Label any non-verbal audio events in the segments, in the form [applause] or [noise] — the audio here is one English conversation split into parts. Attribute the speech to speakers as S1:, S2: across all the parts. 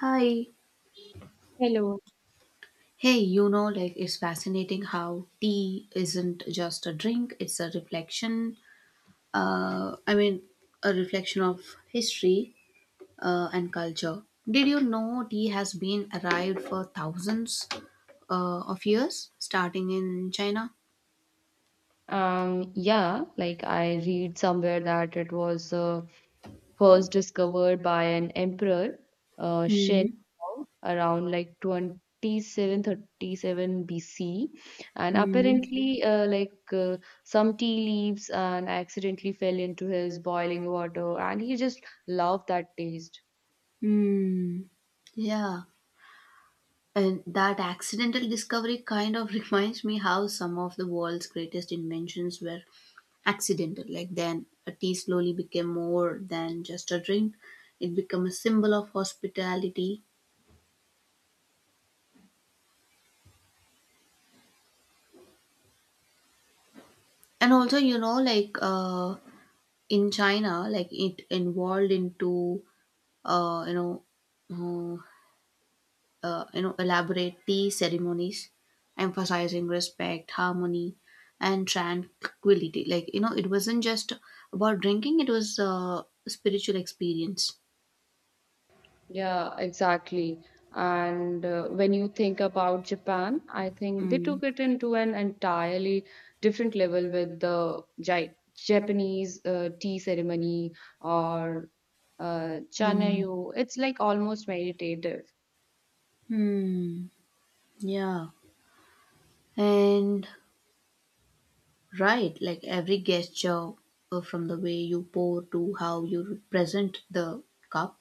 S1: Hi.
S2: Hello.
S1: Hey, you know, like it's fascinating how tea isn't just a drink, it's a reflection. I mean, a reflection of history and culture. Did you know tea has been arrived for thousands of years, starting in China?
S2: Yeah, like I read somewhere that it was first discovered by an emperor, Shen,
S1: Hmm.
S2: Gong, around like 2737 BC. And
S1: Hmm.
S2: apparently, some tea leaves and accidentally fell into his boiling water, and he just loved that taste.
S1: Hmm. Yeah. And that accidental discovery kind of [laughs] reminds me how some of the world's greatest inventions were accidental. Like then, a tea slowly became more than just a drink, it became a symbol of hospitality. And also, like in China, like it involved into, uh, you know, uh, elaborate tea ceremonies emphasizing respect, harmony, and tranquility. Like, it wasn't just about drinking. It was a spiritual experience.
S2: Yeah, exactly. And when you think about Japan, I think they
S1: Mm.
S2: took it into an entirely different level with the Japanese tea ceremony or
S1: Mm.
S2: chanayu. It's like almost meditative.
S1: Hmm. Yeah. And right, like every gesture, from the way you pour to how you present the cup,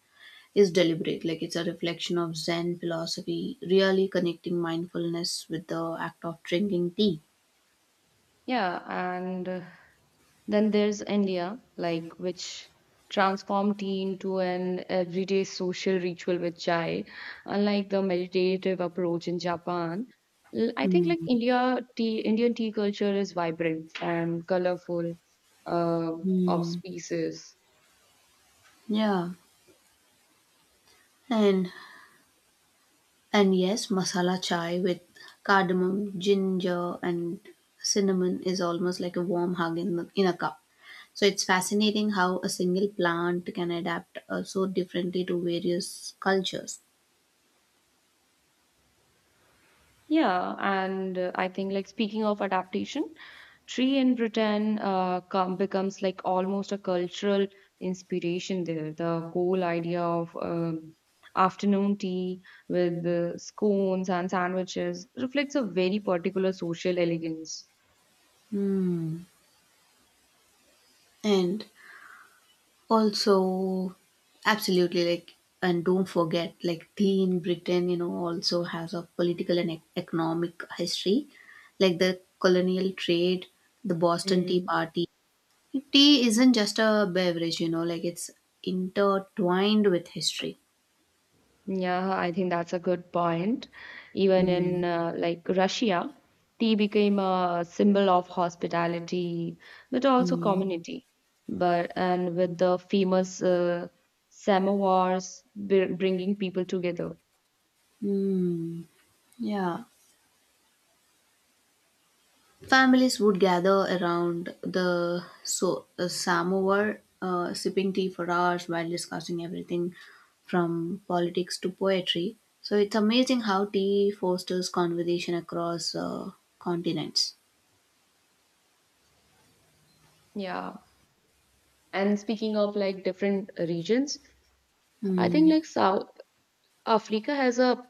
S1: is deliberate. Like it's a reflection of Zen philosophy, really connecting mindfulness with the act of drinking tea.
S2: Yeah, and then there's India, like which transformed tea into an everyday social ritual with chai, unlike the meditative approach in Japan. I think like
S1: Hmm.
S2: India tea, Indian tea culture is vibrant and colorful uh, of
S1: Mm,
S2: species.
S1: yeah, and and yes, masala chai with cardamom, ginger, and cinnamon is almost like a warm hug in the, in a cup. So it's fascinating how a single plant can adapt so differently to various cultures.
S2: Yeah, and I think like speaking of adaptation, tree in Britain becomes like almost a cultural inspiration there. The whole idea of afternoon tea with the scones and sandwiches reflects a very particular social elegance.
S1: Mm. And also, absolutely, like, and don't forget, like, tea in Britain, you know, also has a political and economic history, like the colonial trade, the Boston Tea Party. Tea isn't just a beverage, you know, like, it's intertwined with history.
S2: Yeah, I think that's a good point. Even
S1: Mm.
S2: in like Russia, tea became a symbol of hospitality, but also community. But and with the famous samovars bringing people together.
S1: Mm. Yeah. Families would gather around the samovar, sipping tea for hours while discussing everything from politics to poetry. So it's amazing how tea fosters conversation across continents.
S2: Yeah. And speaking of like different regions, I think
S1: Hmm.
S2: like South Africa has a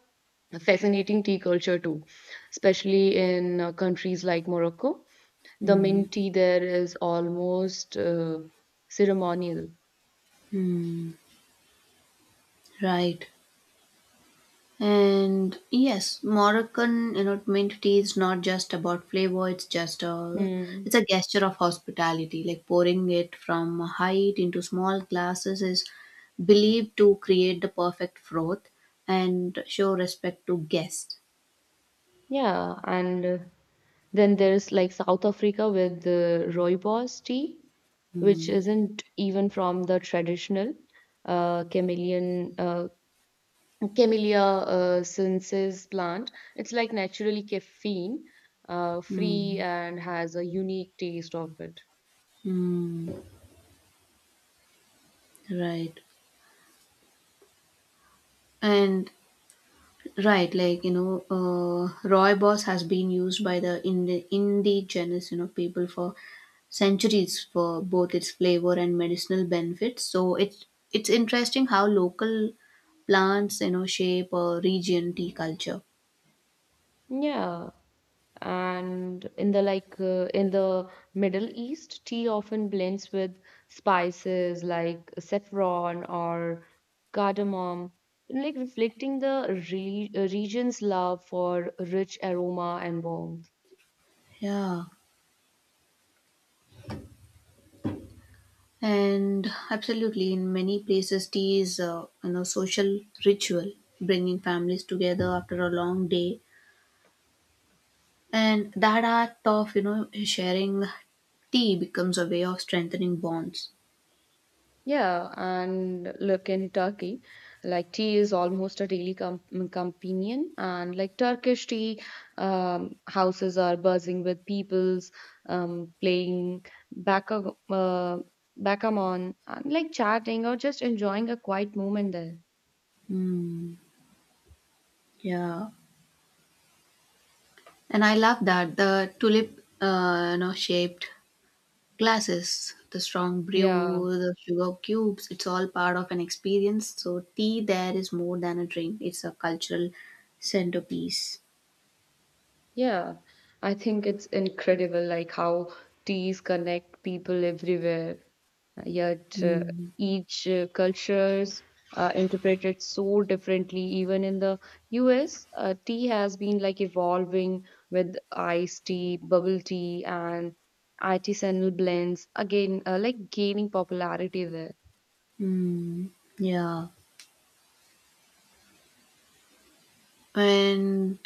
S2: fascinating tea culture too, especially in countries like Morocco. The
S1: Hmm.
S2: mint tea there is almost ceremonial.
S1: Hmm. Right. And yes, Moroccan enlightenment tea is not just about flavor,
S2: Mm,
S1: it's a gesture of hospitality. Like pouring it from a height into small glasses is believed to create the perfect froth and show respect to guests.
S2: yeah, and then there's like South Africa with the rooibos tea, which
S1: Mm,
S2: isn't even from the traditional chameleon camellia sinensis plant. It's like naturally caffeine free
S1: mm,
S2: and has a unique taste of it.
S1: mm, right. And right, like Roy Boss has been used by the indigenous people for centuries for both its flavor and medicinal benefits. So it's interesting how local plants shape a region tea culture.
S2: Yeah, and in the in the middle east tea often blends with spices like saffron or cardamom like reflecting the region's love for rich aroma and warmth.
S1: Yeah, and absolutely, in many places, tea is social ritual, bringing families together after a long day. And that act of, you know, sharing tea becomes a way of strengthening bonds.
S2: Yeah, and look in Turkey, like tea is almost a daily companion, and like Turkish tea houses are buzzing with peoples playing backgammon and like chatting or just enjoying a quiet moment there.
S1: Mm, yeah. And I love that the tulip, shaped glasses, the strong
S2: Yeah,
S1: brew, the sugar cubes, it's all part of an experience. So tea there is more than a drink. It's a cultural centerpiece.
S2: yeah, I think it's incredible like how teas connect people everywhere. Yet
S1: Mm,
S2: each cultures interpreted so differently. Even in the US, tea has been like evolving with iced tea, bubble tea, and artisanal blends. Again, like gaining popularity there.
S1: mm, yeah. And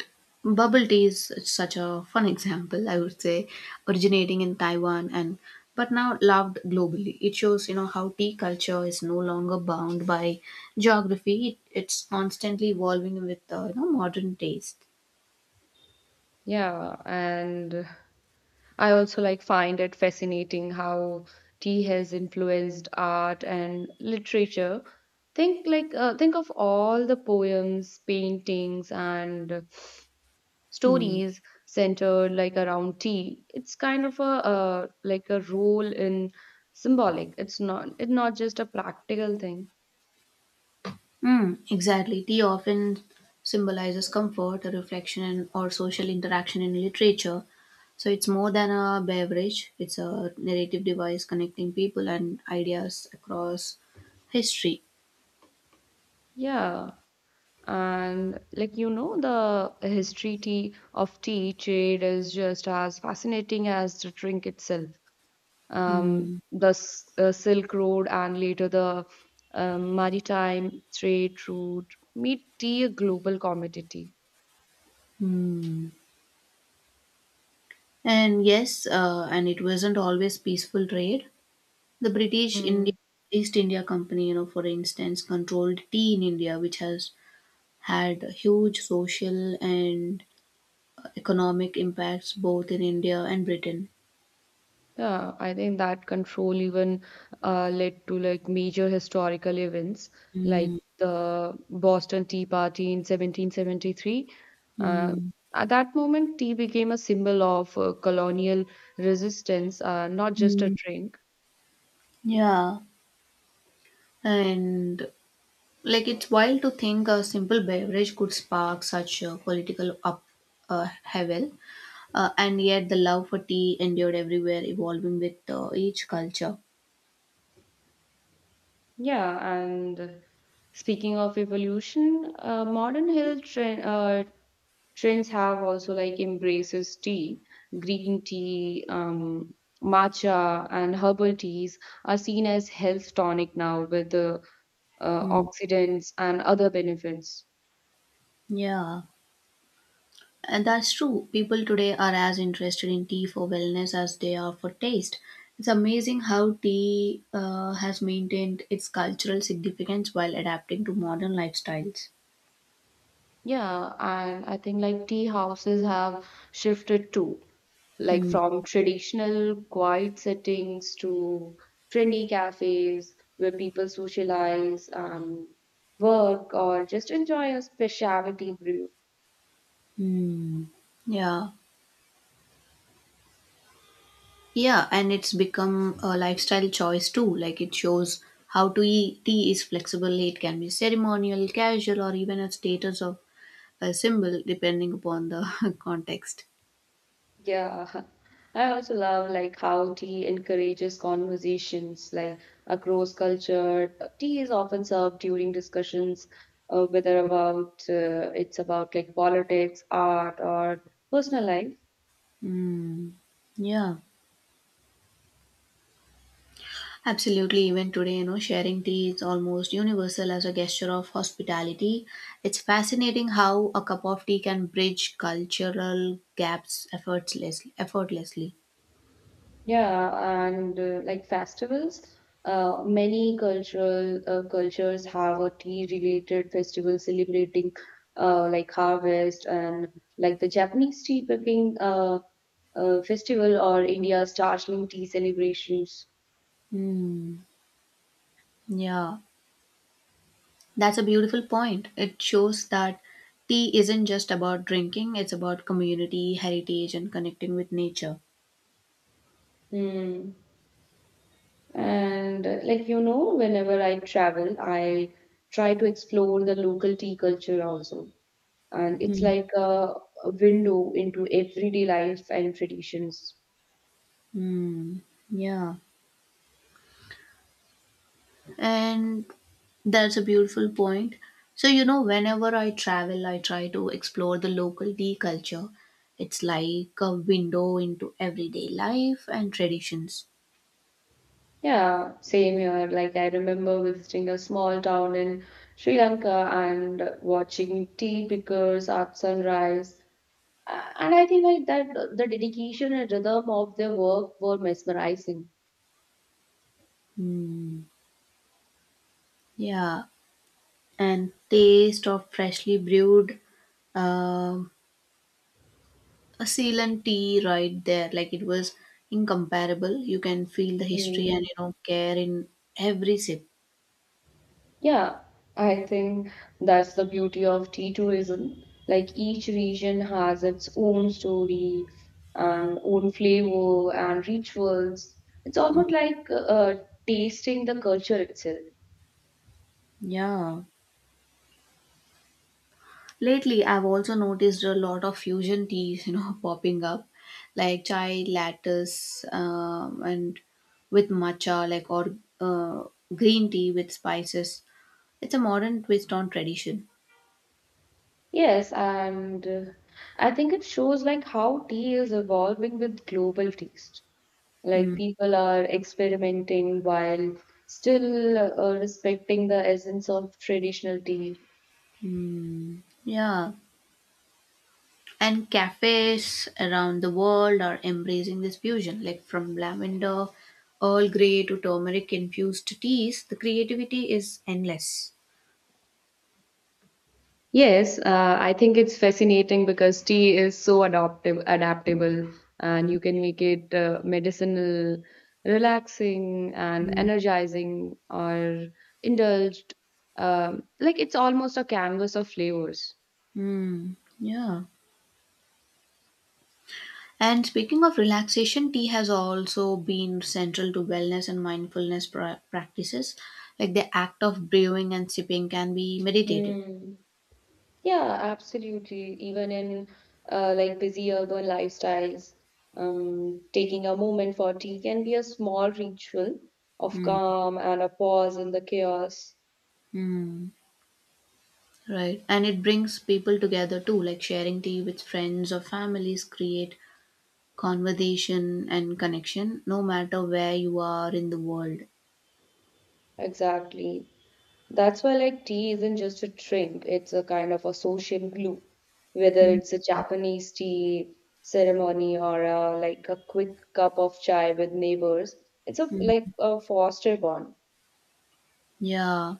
S1: bubble tea is such a fun example, I would say, originating in Taiwan, and but now loved globally. It shows, you know, how tea culture is no longer bound by geography. It's constantly evolving with modern taste.
S2: Yeah, and I also like find it fascinating how tea has influenced art and literature. Think think of all the poems, paintings, and
S1: Hmm.
S2: stories centered like around tea. It's kind of a like a role in symbolic. It's not just a practical thing.
S1: Mm, exactly. Tea often symbolizes comfort, reflection, and or social interaction in literature. So it's more than a beverage, it's a narrative device connecting people and ideas across history.
S2: Yeah. And like you know, the history tea of tea trade is just as fascinating as the drink itself. Um,
S1: Mm.
S2: the S- uh, Silk Road and later the maritime trade route made tea a global commodity.
S1: Hmm. And yes, and it wasn't always peaceful trade. The British India, East India Company, you know, for instance, controlled tea in India, which has had huge social and economic impacts both in India and Britain.
S2: Yeah, I think that control even led to like major historical events like the Boston Tea Party in 1773. Uh,
S1: Mm.
S2: at that moment, tea became a symbol of colonial resistance, not just a
S1: Mm.
S2: drink.
S1: Yeah, and like it's wild to think a simple beverage could spark such a political up havel, and yet the love for tea endured everywhere, evolving with each culture.
S2: Yeah, and speaking of evolution, modern health trends have also like embraces tea, green tea, matcha, and herbal teas are seen as health tonic now with the
S1: Mm.
S2: oxidants and other benefits.
S1: Yeah. And that's true. People today are as interested in tea for wellness as they are for taste. It's amazing how tea has maintained its cultural significance while adapting to modern lifestyles.
S2: Yeah, and I think like tea houses have shifted too, like
S1: Hmm.
S2: from traditional quiet settings to trendy cafes where people socialize, work, or just enjoy a specialty brew.
S1: Hmm. Yeah. Yeah, and it's become a lifestyle choice too. Like it shows how to eat tea is flexible. It can be ceremonial, casual, or even a status of a symbol depending upon the [laughs] context.
S2: Yeah, [laughs] I also love like how tea encourages conversations like across culture. Tea is often served during discussions, whether about it's about like politics, art, or personal life.
S1: Hmm. Yeah. Absolutely, even today, you know, sharing tea is almost universal as a gesture of hospitality. It's fascinating how a cup of tea can bridge cultural gaps effortlessly.
S2: Yeah, and like festivals, many cultural cultures have a tea-related festival celebrating like harvest and like the Japanese tea picking festival or India's Darjeeling tea celebrations.
S1: Hmm. Yeah, that's a beautiful point. It shows that tea isn't just about drinking, it's about community, heritage, and connecting with nature.
S2: Hmm. And like you know, whenever I travel, I try to explore the local tea culture also, and it's
S1: Hmm.
S2: like a window into everyday life and traditions.
S1: Hmm. Yeah. And that's a beautiful point. So, you know, whenever I travel, I try to explore the local tea culture. It's like a window into everyday life and traditions.
S2: Yeah, same here. Like I remember visiting a small town in Sri Lanka and watching tea pickers at sunrise. And I think like that the dedication and rhythm of their work were mesmerizing.
S1: Hmm. Yeah. And taste of freshly brewed um a Ceylon tea right there. Like it was incomparable. You can feel the history and,
S2: Hmm.
S1: you know, care in every sip.
S2: Yeah, I think that's the beauty of tea tourism. Like each region has its own story and own flavor and rituals. It's
S1: Hmm.
S2: almost like tasting the culture itself.
S1: Yeah. Lately, I've also noticed a lot of fusion teas, you know, [laughs] popping up, like chai lattes, and with matcha, like, or uh, green tea with spices. It's a modern twist on tradition.
S2: Yes, and I think it shows like how tea is evolving with global taste. Like
S1: Mm,
S2: people are experimenting while still respecting the essence of traditional tea.
S1: yeah, and cafes around the world are embracing this fusion, like from lavender, Earl Grey to turmeric infused teas. The creativity is endless.
S2: Yes, I think it's fascinating because tea is so adaptable, and you can make it medicinal, relaxing, and
S1: Mm.
S2: energizing, or indulged. Like it's almost a canvas of flavors.
S1: Mm, yeah. And speaking of relaxation, tea has also been central to wellness and mindfulness practices. Like the act of brewing and sipping can be meditative.
S2: Hmm. Yeah, absolutely. Even in like busy urban lifestyles, taking a moment for tea can be a small ritual of
S1: Mm.
S2: calm and a pause in the chaos.
S1: Mm. Right. And it brings people together too, like sharing tea with friends or families create conversation and connection no matter where you are in the world.
S2: Exactly. That's why like tea isn't just a drink, it's a kind of a social glue. Whether
S1: Mm.
S2: it's a Japanese tea ceremony or like a quick cup of chai with neighbors, it's a like
S1: Mm.
S2: a foster bond.
S1: Yeah.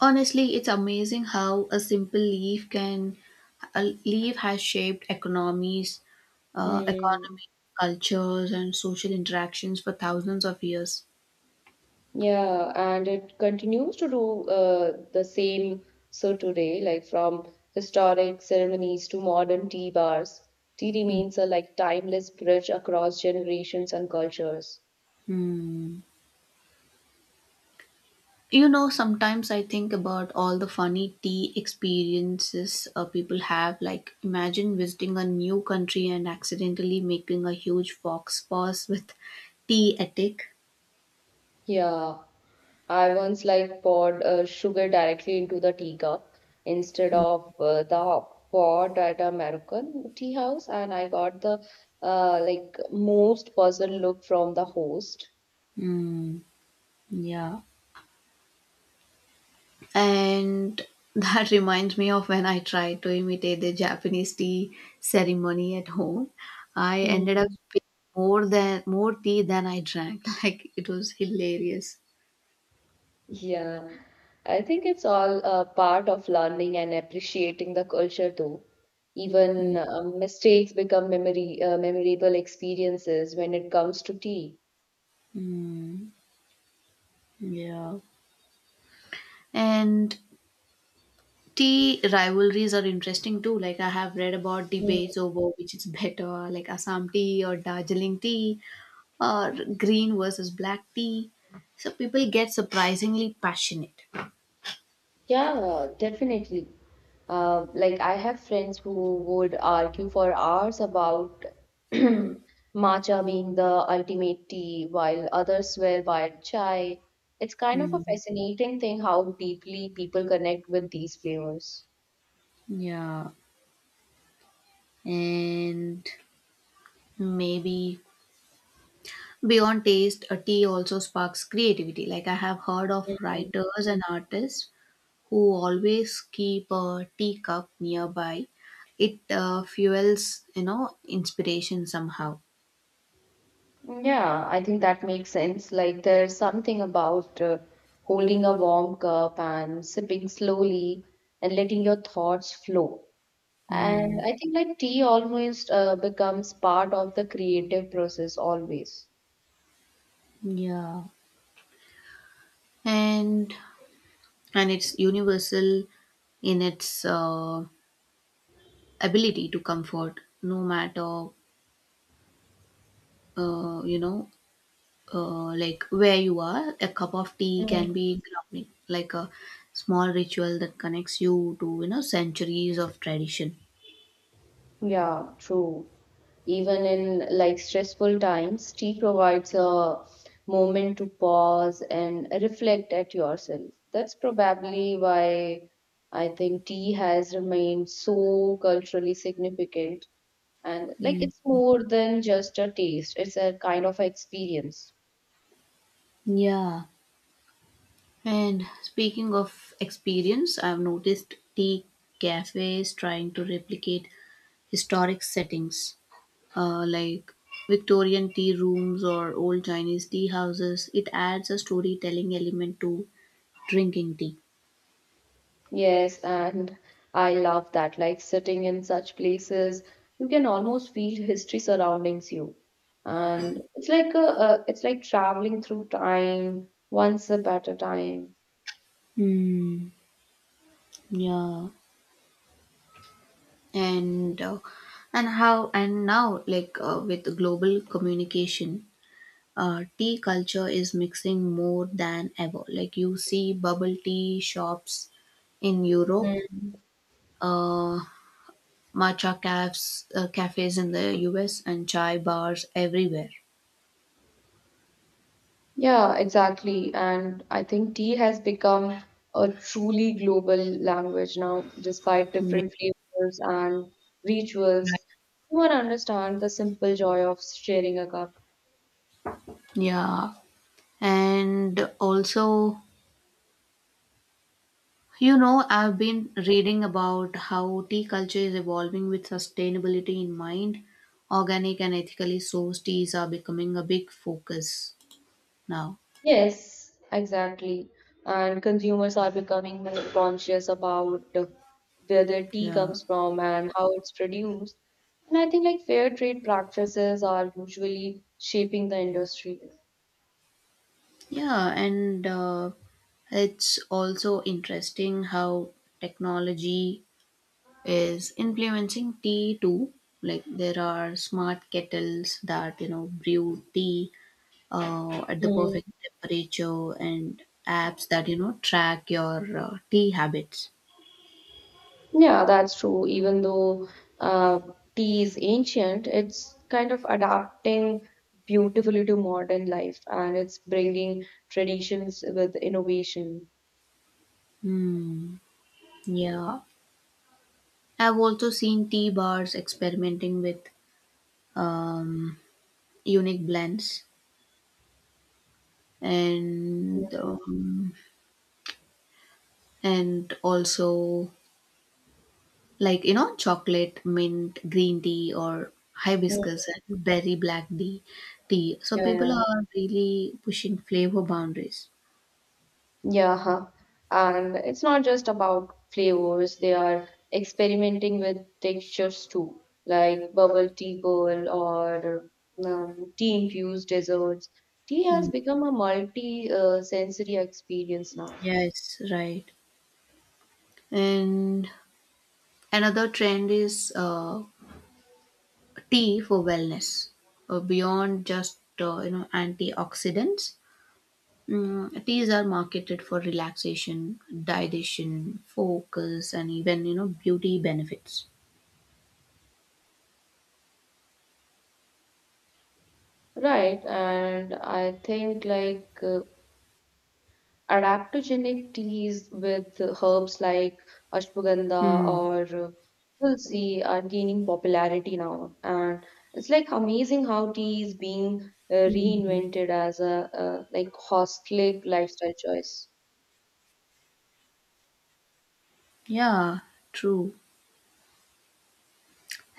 S1: Honestly, it's amazing how a leaf has shaped economies,
S2: Hmm.
S1: economy, cultures, and social interactions for thousands of years.
S2: Yeah, and it continues to do the same so today, like from historic ceremonies to modern tea bars. Tea remains a like timeless bridge across generations and cultures.
S1: Hmm. You know, sometimes I think about all the funny tea experiences people have. Like, imagine visiting a new country and accidentally making a huge fox paws with tea etic.
S2: Yeah, I once like poured sugar directly into the teacup instead of the pot at a Moroccan tea house, and I got the like most puzzled look from the host.
S1: Hmm. Yeah. And that [laughs] reminds me of when I tried to imitate the Japanese tea ceremony at home. I ended up
S2: Hmm.
S1: spilling more tea than I drank. [laughs] Like it was hilarious.
S2: Yeah, I think it's all a part of learning and appreciating the culture too. Even mistakes become memory memorable experiences when it comes to tea.
S1: Mm, yeah. And tea rivalries are interesting too. Like, I have read about
S2: Mm.
S1: debates over which is better, like Assam tea or Darjeeling tea or green versus black tea. So people get surprisingly passionate.
S2: Yeah, definitely. Like I have friends who would argue for hours about [clears throat] matcha being the ultimate tea, while others swear by chai. It's kind of a
S1: Mm,
S2: fascinating thing how deeply people connect with these flavors.
S1: yeah. And maybe beyond taste, a tea also sparks creativity. Like, I have heard of writers and artists who always keep a teacup nearby. It fuels, inspiration somehow.
S2: Yeah, I think that makes sense. Like there's something about holding a warm cup and sipping slowly and letting your thoughts flow. And
S1: Mm,
S2: I think like tea almost becomes part of the creative process always.
S1: yeah. And and it's universal in its ability to comfort. No matter uh, you know like where you are, a cup of tea can be grounding, like a small ritual that connects you to centuries of tradition.
S2: Yeah, true. Even in like stressful times, tea provides a moment to pause and reflect at yourself. That's probably why I think tea has remained so culturally significant. And like
S1: Mm.
S2: it's more than just a taste, it's a kind of experience.
S1: Yeah, and speaking of experience, I've noticed tea cafes trying to replicate historic settings, like Victorian tea rooms or old Chinese tea houses. It adds a storytelling element to drinking tea.
S2: Yes, and I love that. Like sitting in such places, you can almost feel history surroundings you. And it's like it's like traveling through time, one sip at a time.
S1: Hmm. Yeah. and uh, and now, like, with global communication, tea culture is mixing more than ever. Like, you see bubble tea shops in Europe,
S2: Mm.
S1: uh, matcha cafes in the US, and chai bars everywhere.
S2: Yeah, exactly. And I think tea has become a truly global language now, despite
S1: Yeah,
S2: different flavors and rituals. Everyone understands the simple joy of sharing a cup.
S1: yeah, and also, I've been reading about how tea culture is evolving with sustainability in mind. Organic and ethically sourced teas are becoming a big focus now.
S2: Yes, exactly. And consumers are becoming more conscious about where their tea
S1: Yeah.
S2: comes from and how it's produced. And I think like fair trade practices are usually shaping the industry.
S1: Yeah, and it's also interesting how technology is influencing tea too. Like, there are smart kettles that you know brew tea at the
S2: Mm.
S1: perfect temperature, and apps that you know track your tea habits.
S2: Yeah, that's true. Even though uh, tea is ancient, it's kind of adapting beautifully to modern life and it's bringing traditions with innovation.
S1: Hmm. Yeah, I've also seen tea bars experimenting with um, unique blends, and
S2: Mm.
S1: um, and also like, you know, chocolate, mint, green tea, or
S2: Mm.
S1: hibiscus and berry black tea. So
S2: Yeah,
S1: people
S2: yeah.
S1: are really pushing flavor boundaries.
S2: Yeah, huh. And it's not just about flavors, they are experimenting with textures too, like bubble tea bowl or tea infused desserts. Tea
S1: Hmm.
S2: has become a multi sensory experience now,
S1: Yes, right. And another trend is tea for wellness, beyond just, you know, antioxidants. Mm, teas are marketed for relaxation, digestion, focus, and even, you know, beauty benefits.
S2: right? And I think like adaptogenic teas with herbs like ashwagandha
S1: Hmm.
S2: or uh, tulsi are gaining popularity now and it's like amazing how tea is being
S1: Mhm.
S2: reinvented as a like holistic lifestyle choice.
S1: Yeah, true.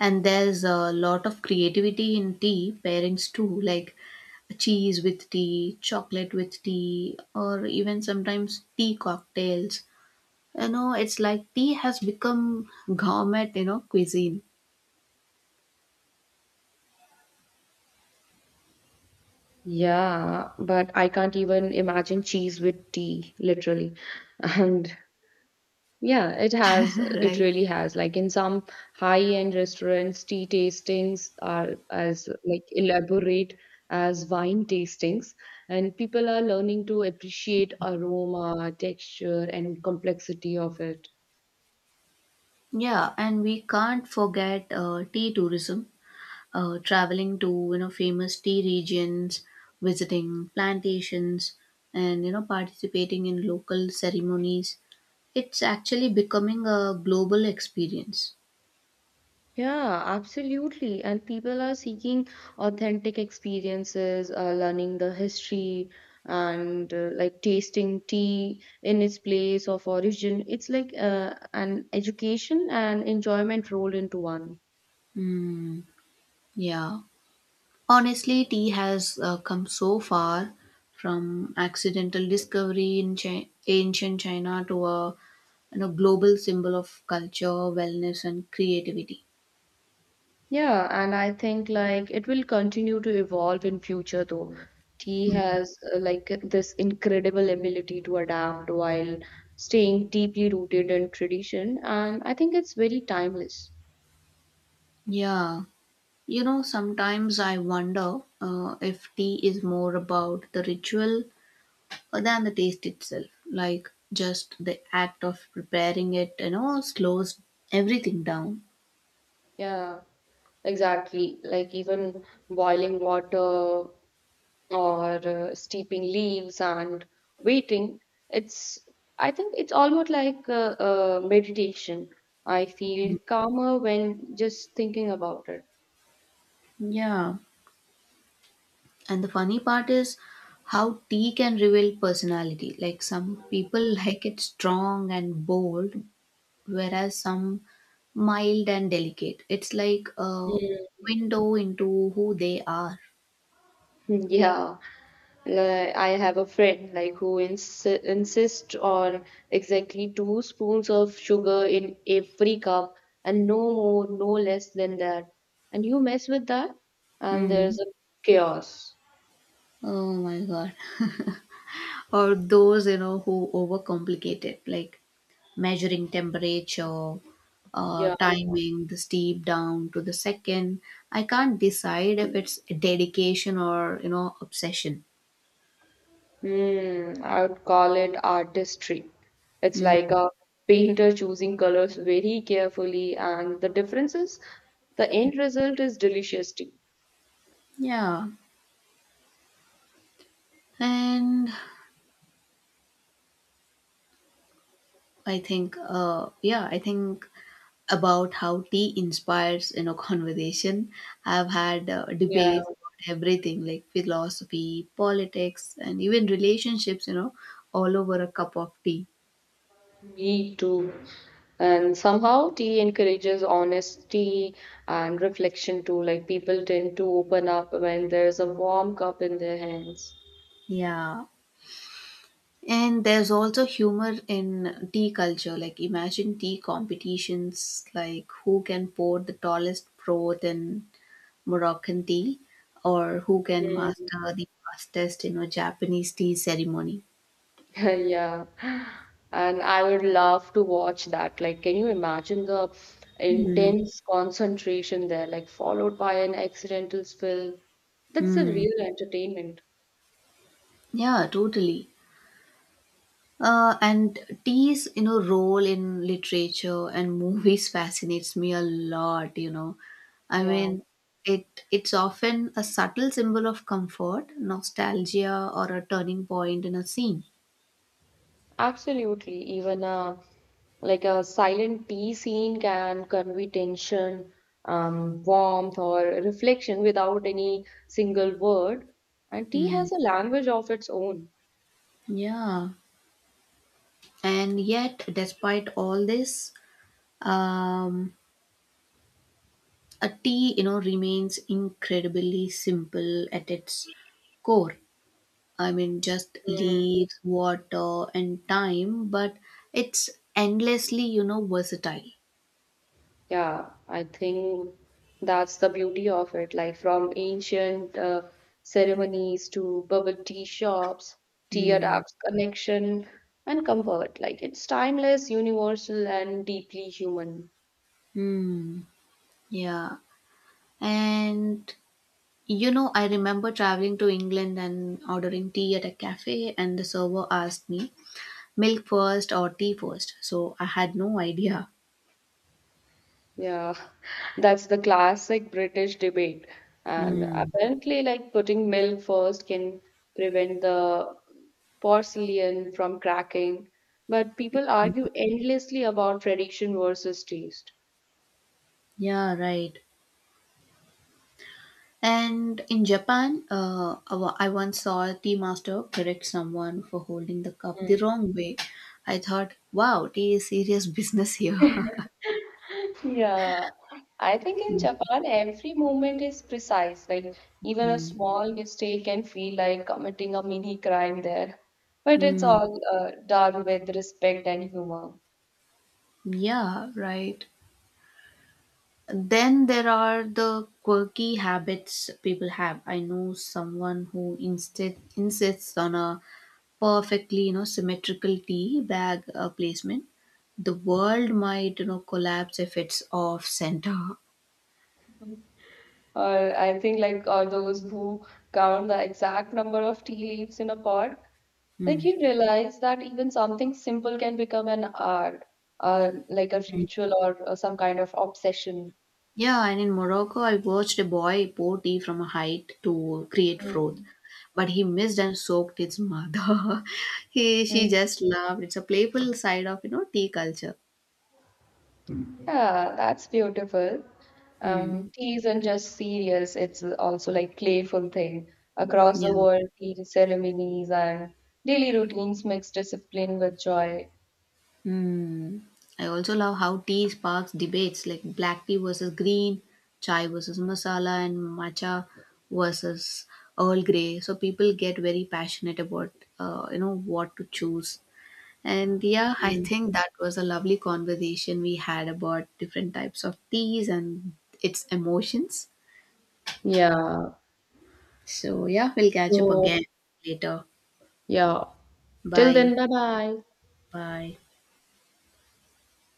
S1: And there's a lot of creativity in tea pairings too, like cheese with tea, chocolate with tea, or even sometimes tea cocktails. You know, it's like tea has become gourmet, you know, cuisine.
S2: Yeah, but I can't even imagine cheese with tea, literally. And yeah, it has. It
S1: Right.
S2: really has. Like in some high-end restaurants, tea tastings are as like elaborate as wine tastings, and people are learning to appreciate aroma, texture, and complexity of it.
S1: Yeah, and we can't forget tea tourism. Traveling to, you know, famous tea regions, visiting plantations, and, you know, participating in local ceremonies. It's actually becoming a global experience.
S2: Yeah, absolutely. And people are seeking authentic experiences, learning the history and like tasting tea in its place of origin. It's like an education and enjoyment rolled into one.
S1: Mm, yeah. Honestly, tea has come so far from accidental discovery in ancient China to a, you know, global symbol of culture, wellness, and creativity.
S2: Yeah, and I think like it will continue to evolve in future though. Tea has like this incredible ability to adapt while staying deeply rooted in tradition, and I think it's very timeless.
S1: Yeah, you know, sometimes I wonder if tea is more about the ritual than the taste itself. Like, just the act of preparing it, you know, slows everything down.
S2: Yeah. Exactly, like even boiling water or steeping leaves and waiting. It's, I think it's almost like meditation. I feel calmer when just thinking about it.
S1: Yeah, and the funny part is how tea can reveal personality. Like, some people [laughs] like it strong and bold, whereas some mild and delicate. It's like a window into who they are.
S2: Mm, yeah. Like, I have a friend like who insists on exactly 2 spoons of sugar in every cup and no more, no less than that. And you mess with that, and
S1: Mm.
S2: there's a chaos.
S1: Oh my god. Or those, you know, who overcomplicate it, like measuring temperature,
S2: Yeah.
S1: timing the steep down to the second. I can't decide if it's dedication or, you know, obsession.
S2: Mm, I would call it artistry. It's like
S1: Mm,
S2: a painter choosing colors very carefully, and the differences, the end result is delicious tea.
S1: yeah. And I think about how tea inspires, you know, [laughs] conversation. I've had
S2: Yeah.
S1: debates about everything, like philosophy, politics, and even relationships, you know, all over a cup of tea.
S2: Me too. And somehow tea encourages honesty and reflection too. Like people tend to open up when there's a warm cup in their hands.
S1: Yeah. And there's also humor in tea culture. Like, imagine tea competitions, like who can pour the tallest broth in Moroccan tea, or who can
S2: Mm. [laughs]
S1: master the fastest, you know, Japanese tea ceremony.
S2: Yeah. And I would love to watch that. Like, can you imagine the
S1: Mm.
S2: intense concentration there, like followed by an accidental spill? That's the
S1: Mm.
S2: real entertainment.
S1: Yeah, totally. And tea's, you know, role in literature and movies [laughs] fascinates me a lot. You know, I
S2: Yeah.
S1: mean, it's often a subtle symbol of comfort, nostalgia, or a turning point in a scene.
S2: Absolutely. Even a like a silent tea scene can convey tension, warmth, or reflection without any single word. And tea
S1: Mm,
S2: has a language of its own.
S1: yeah, and yet, despite all this, um, a tea, you know, remains incredibly simple at its core. I mean, just
S2: Mm.
S1: leaves, water, and time, but it's endlessly, you know, versatile.
S2: Yeah, I think that's the beauty of it. Like from ancient ceremonies to bubble tea shops, tea
S1: Hmm.
S2: adapts connection and comfort. Like it's timeless, universal, and deeply human.
S1: Hmm. Yeah. And you know, I remember traveling to England and ordering tea at a cafe, and the server asked me milk first or tea first. So I had no idea.
S2: Yeah, that's the classic British debate. And
S1: Hmm.
S2: apparently, like putting milk first can prevent the porcelain from cracking. But people argue endlessly about tradition versus taste.
S1: Yeah. Right. And in Japan, I once saw a tea master correct someone for holding the cup the
S2: Mm.
S1: wrong way. I thought, wow, tea is serious business here. [laughs]
S2: Yeah, I think in
S1: Mm,
S2: Japan, every moment is precise. Like, even a small mistake can feel like committing a mini crime there. But it's
S1: mm,
S2: all done with respect and humor.
S1: yeah, right. Then there are the quirky habits people have. I know someone who instead insists on a perfectly, you know, symmetrical tea bag placement. The world might, you know, collapse if it's off center.
S2: Or I think like are those who count the exact number of tea leaves in a pot,
S1: [laughs]
S2: like
S1: Mm.
S2: you realize that even something simple can become an art, like a ritual or some kind of obsession.
S1: Yeah, and in Morocco, I watched a boy pour tea from a height to create froth,
S2: Mm.
S1: but he missed and soaked its mother. [laughs] he She
S2: Mm.
S1: just laughed. It's a playful side of, you know, tea culture.
S2: Yeah, that's beautiful.
S1: Hmm.
S2: Tea isn't just serious, it's also like playful thing. Across the
S1: Yeah.
S2: world, tea ceremonies and daily routines mix discipline with joy.
S1: Hmm. I also love how tea sparks debates, like black tea versus green, chai versus masala, and matcha versus Earl Grey. So people get very passionate about you know, what to choose. And yeah, I
S2: Mm.
S1: think that was a lovely conversation we had about different types of teas and its emotions.
S2: Yeah.
S1: So yeah, we'll catch up
S2: So,
S1: again later.
S2: yeah, till then,
S1: Bye.
S2: bye bye.
S1: Bye.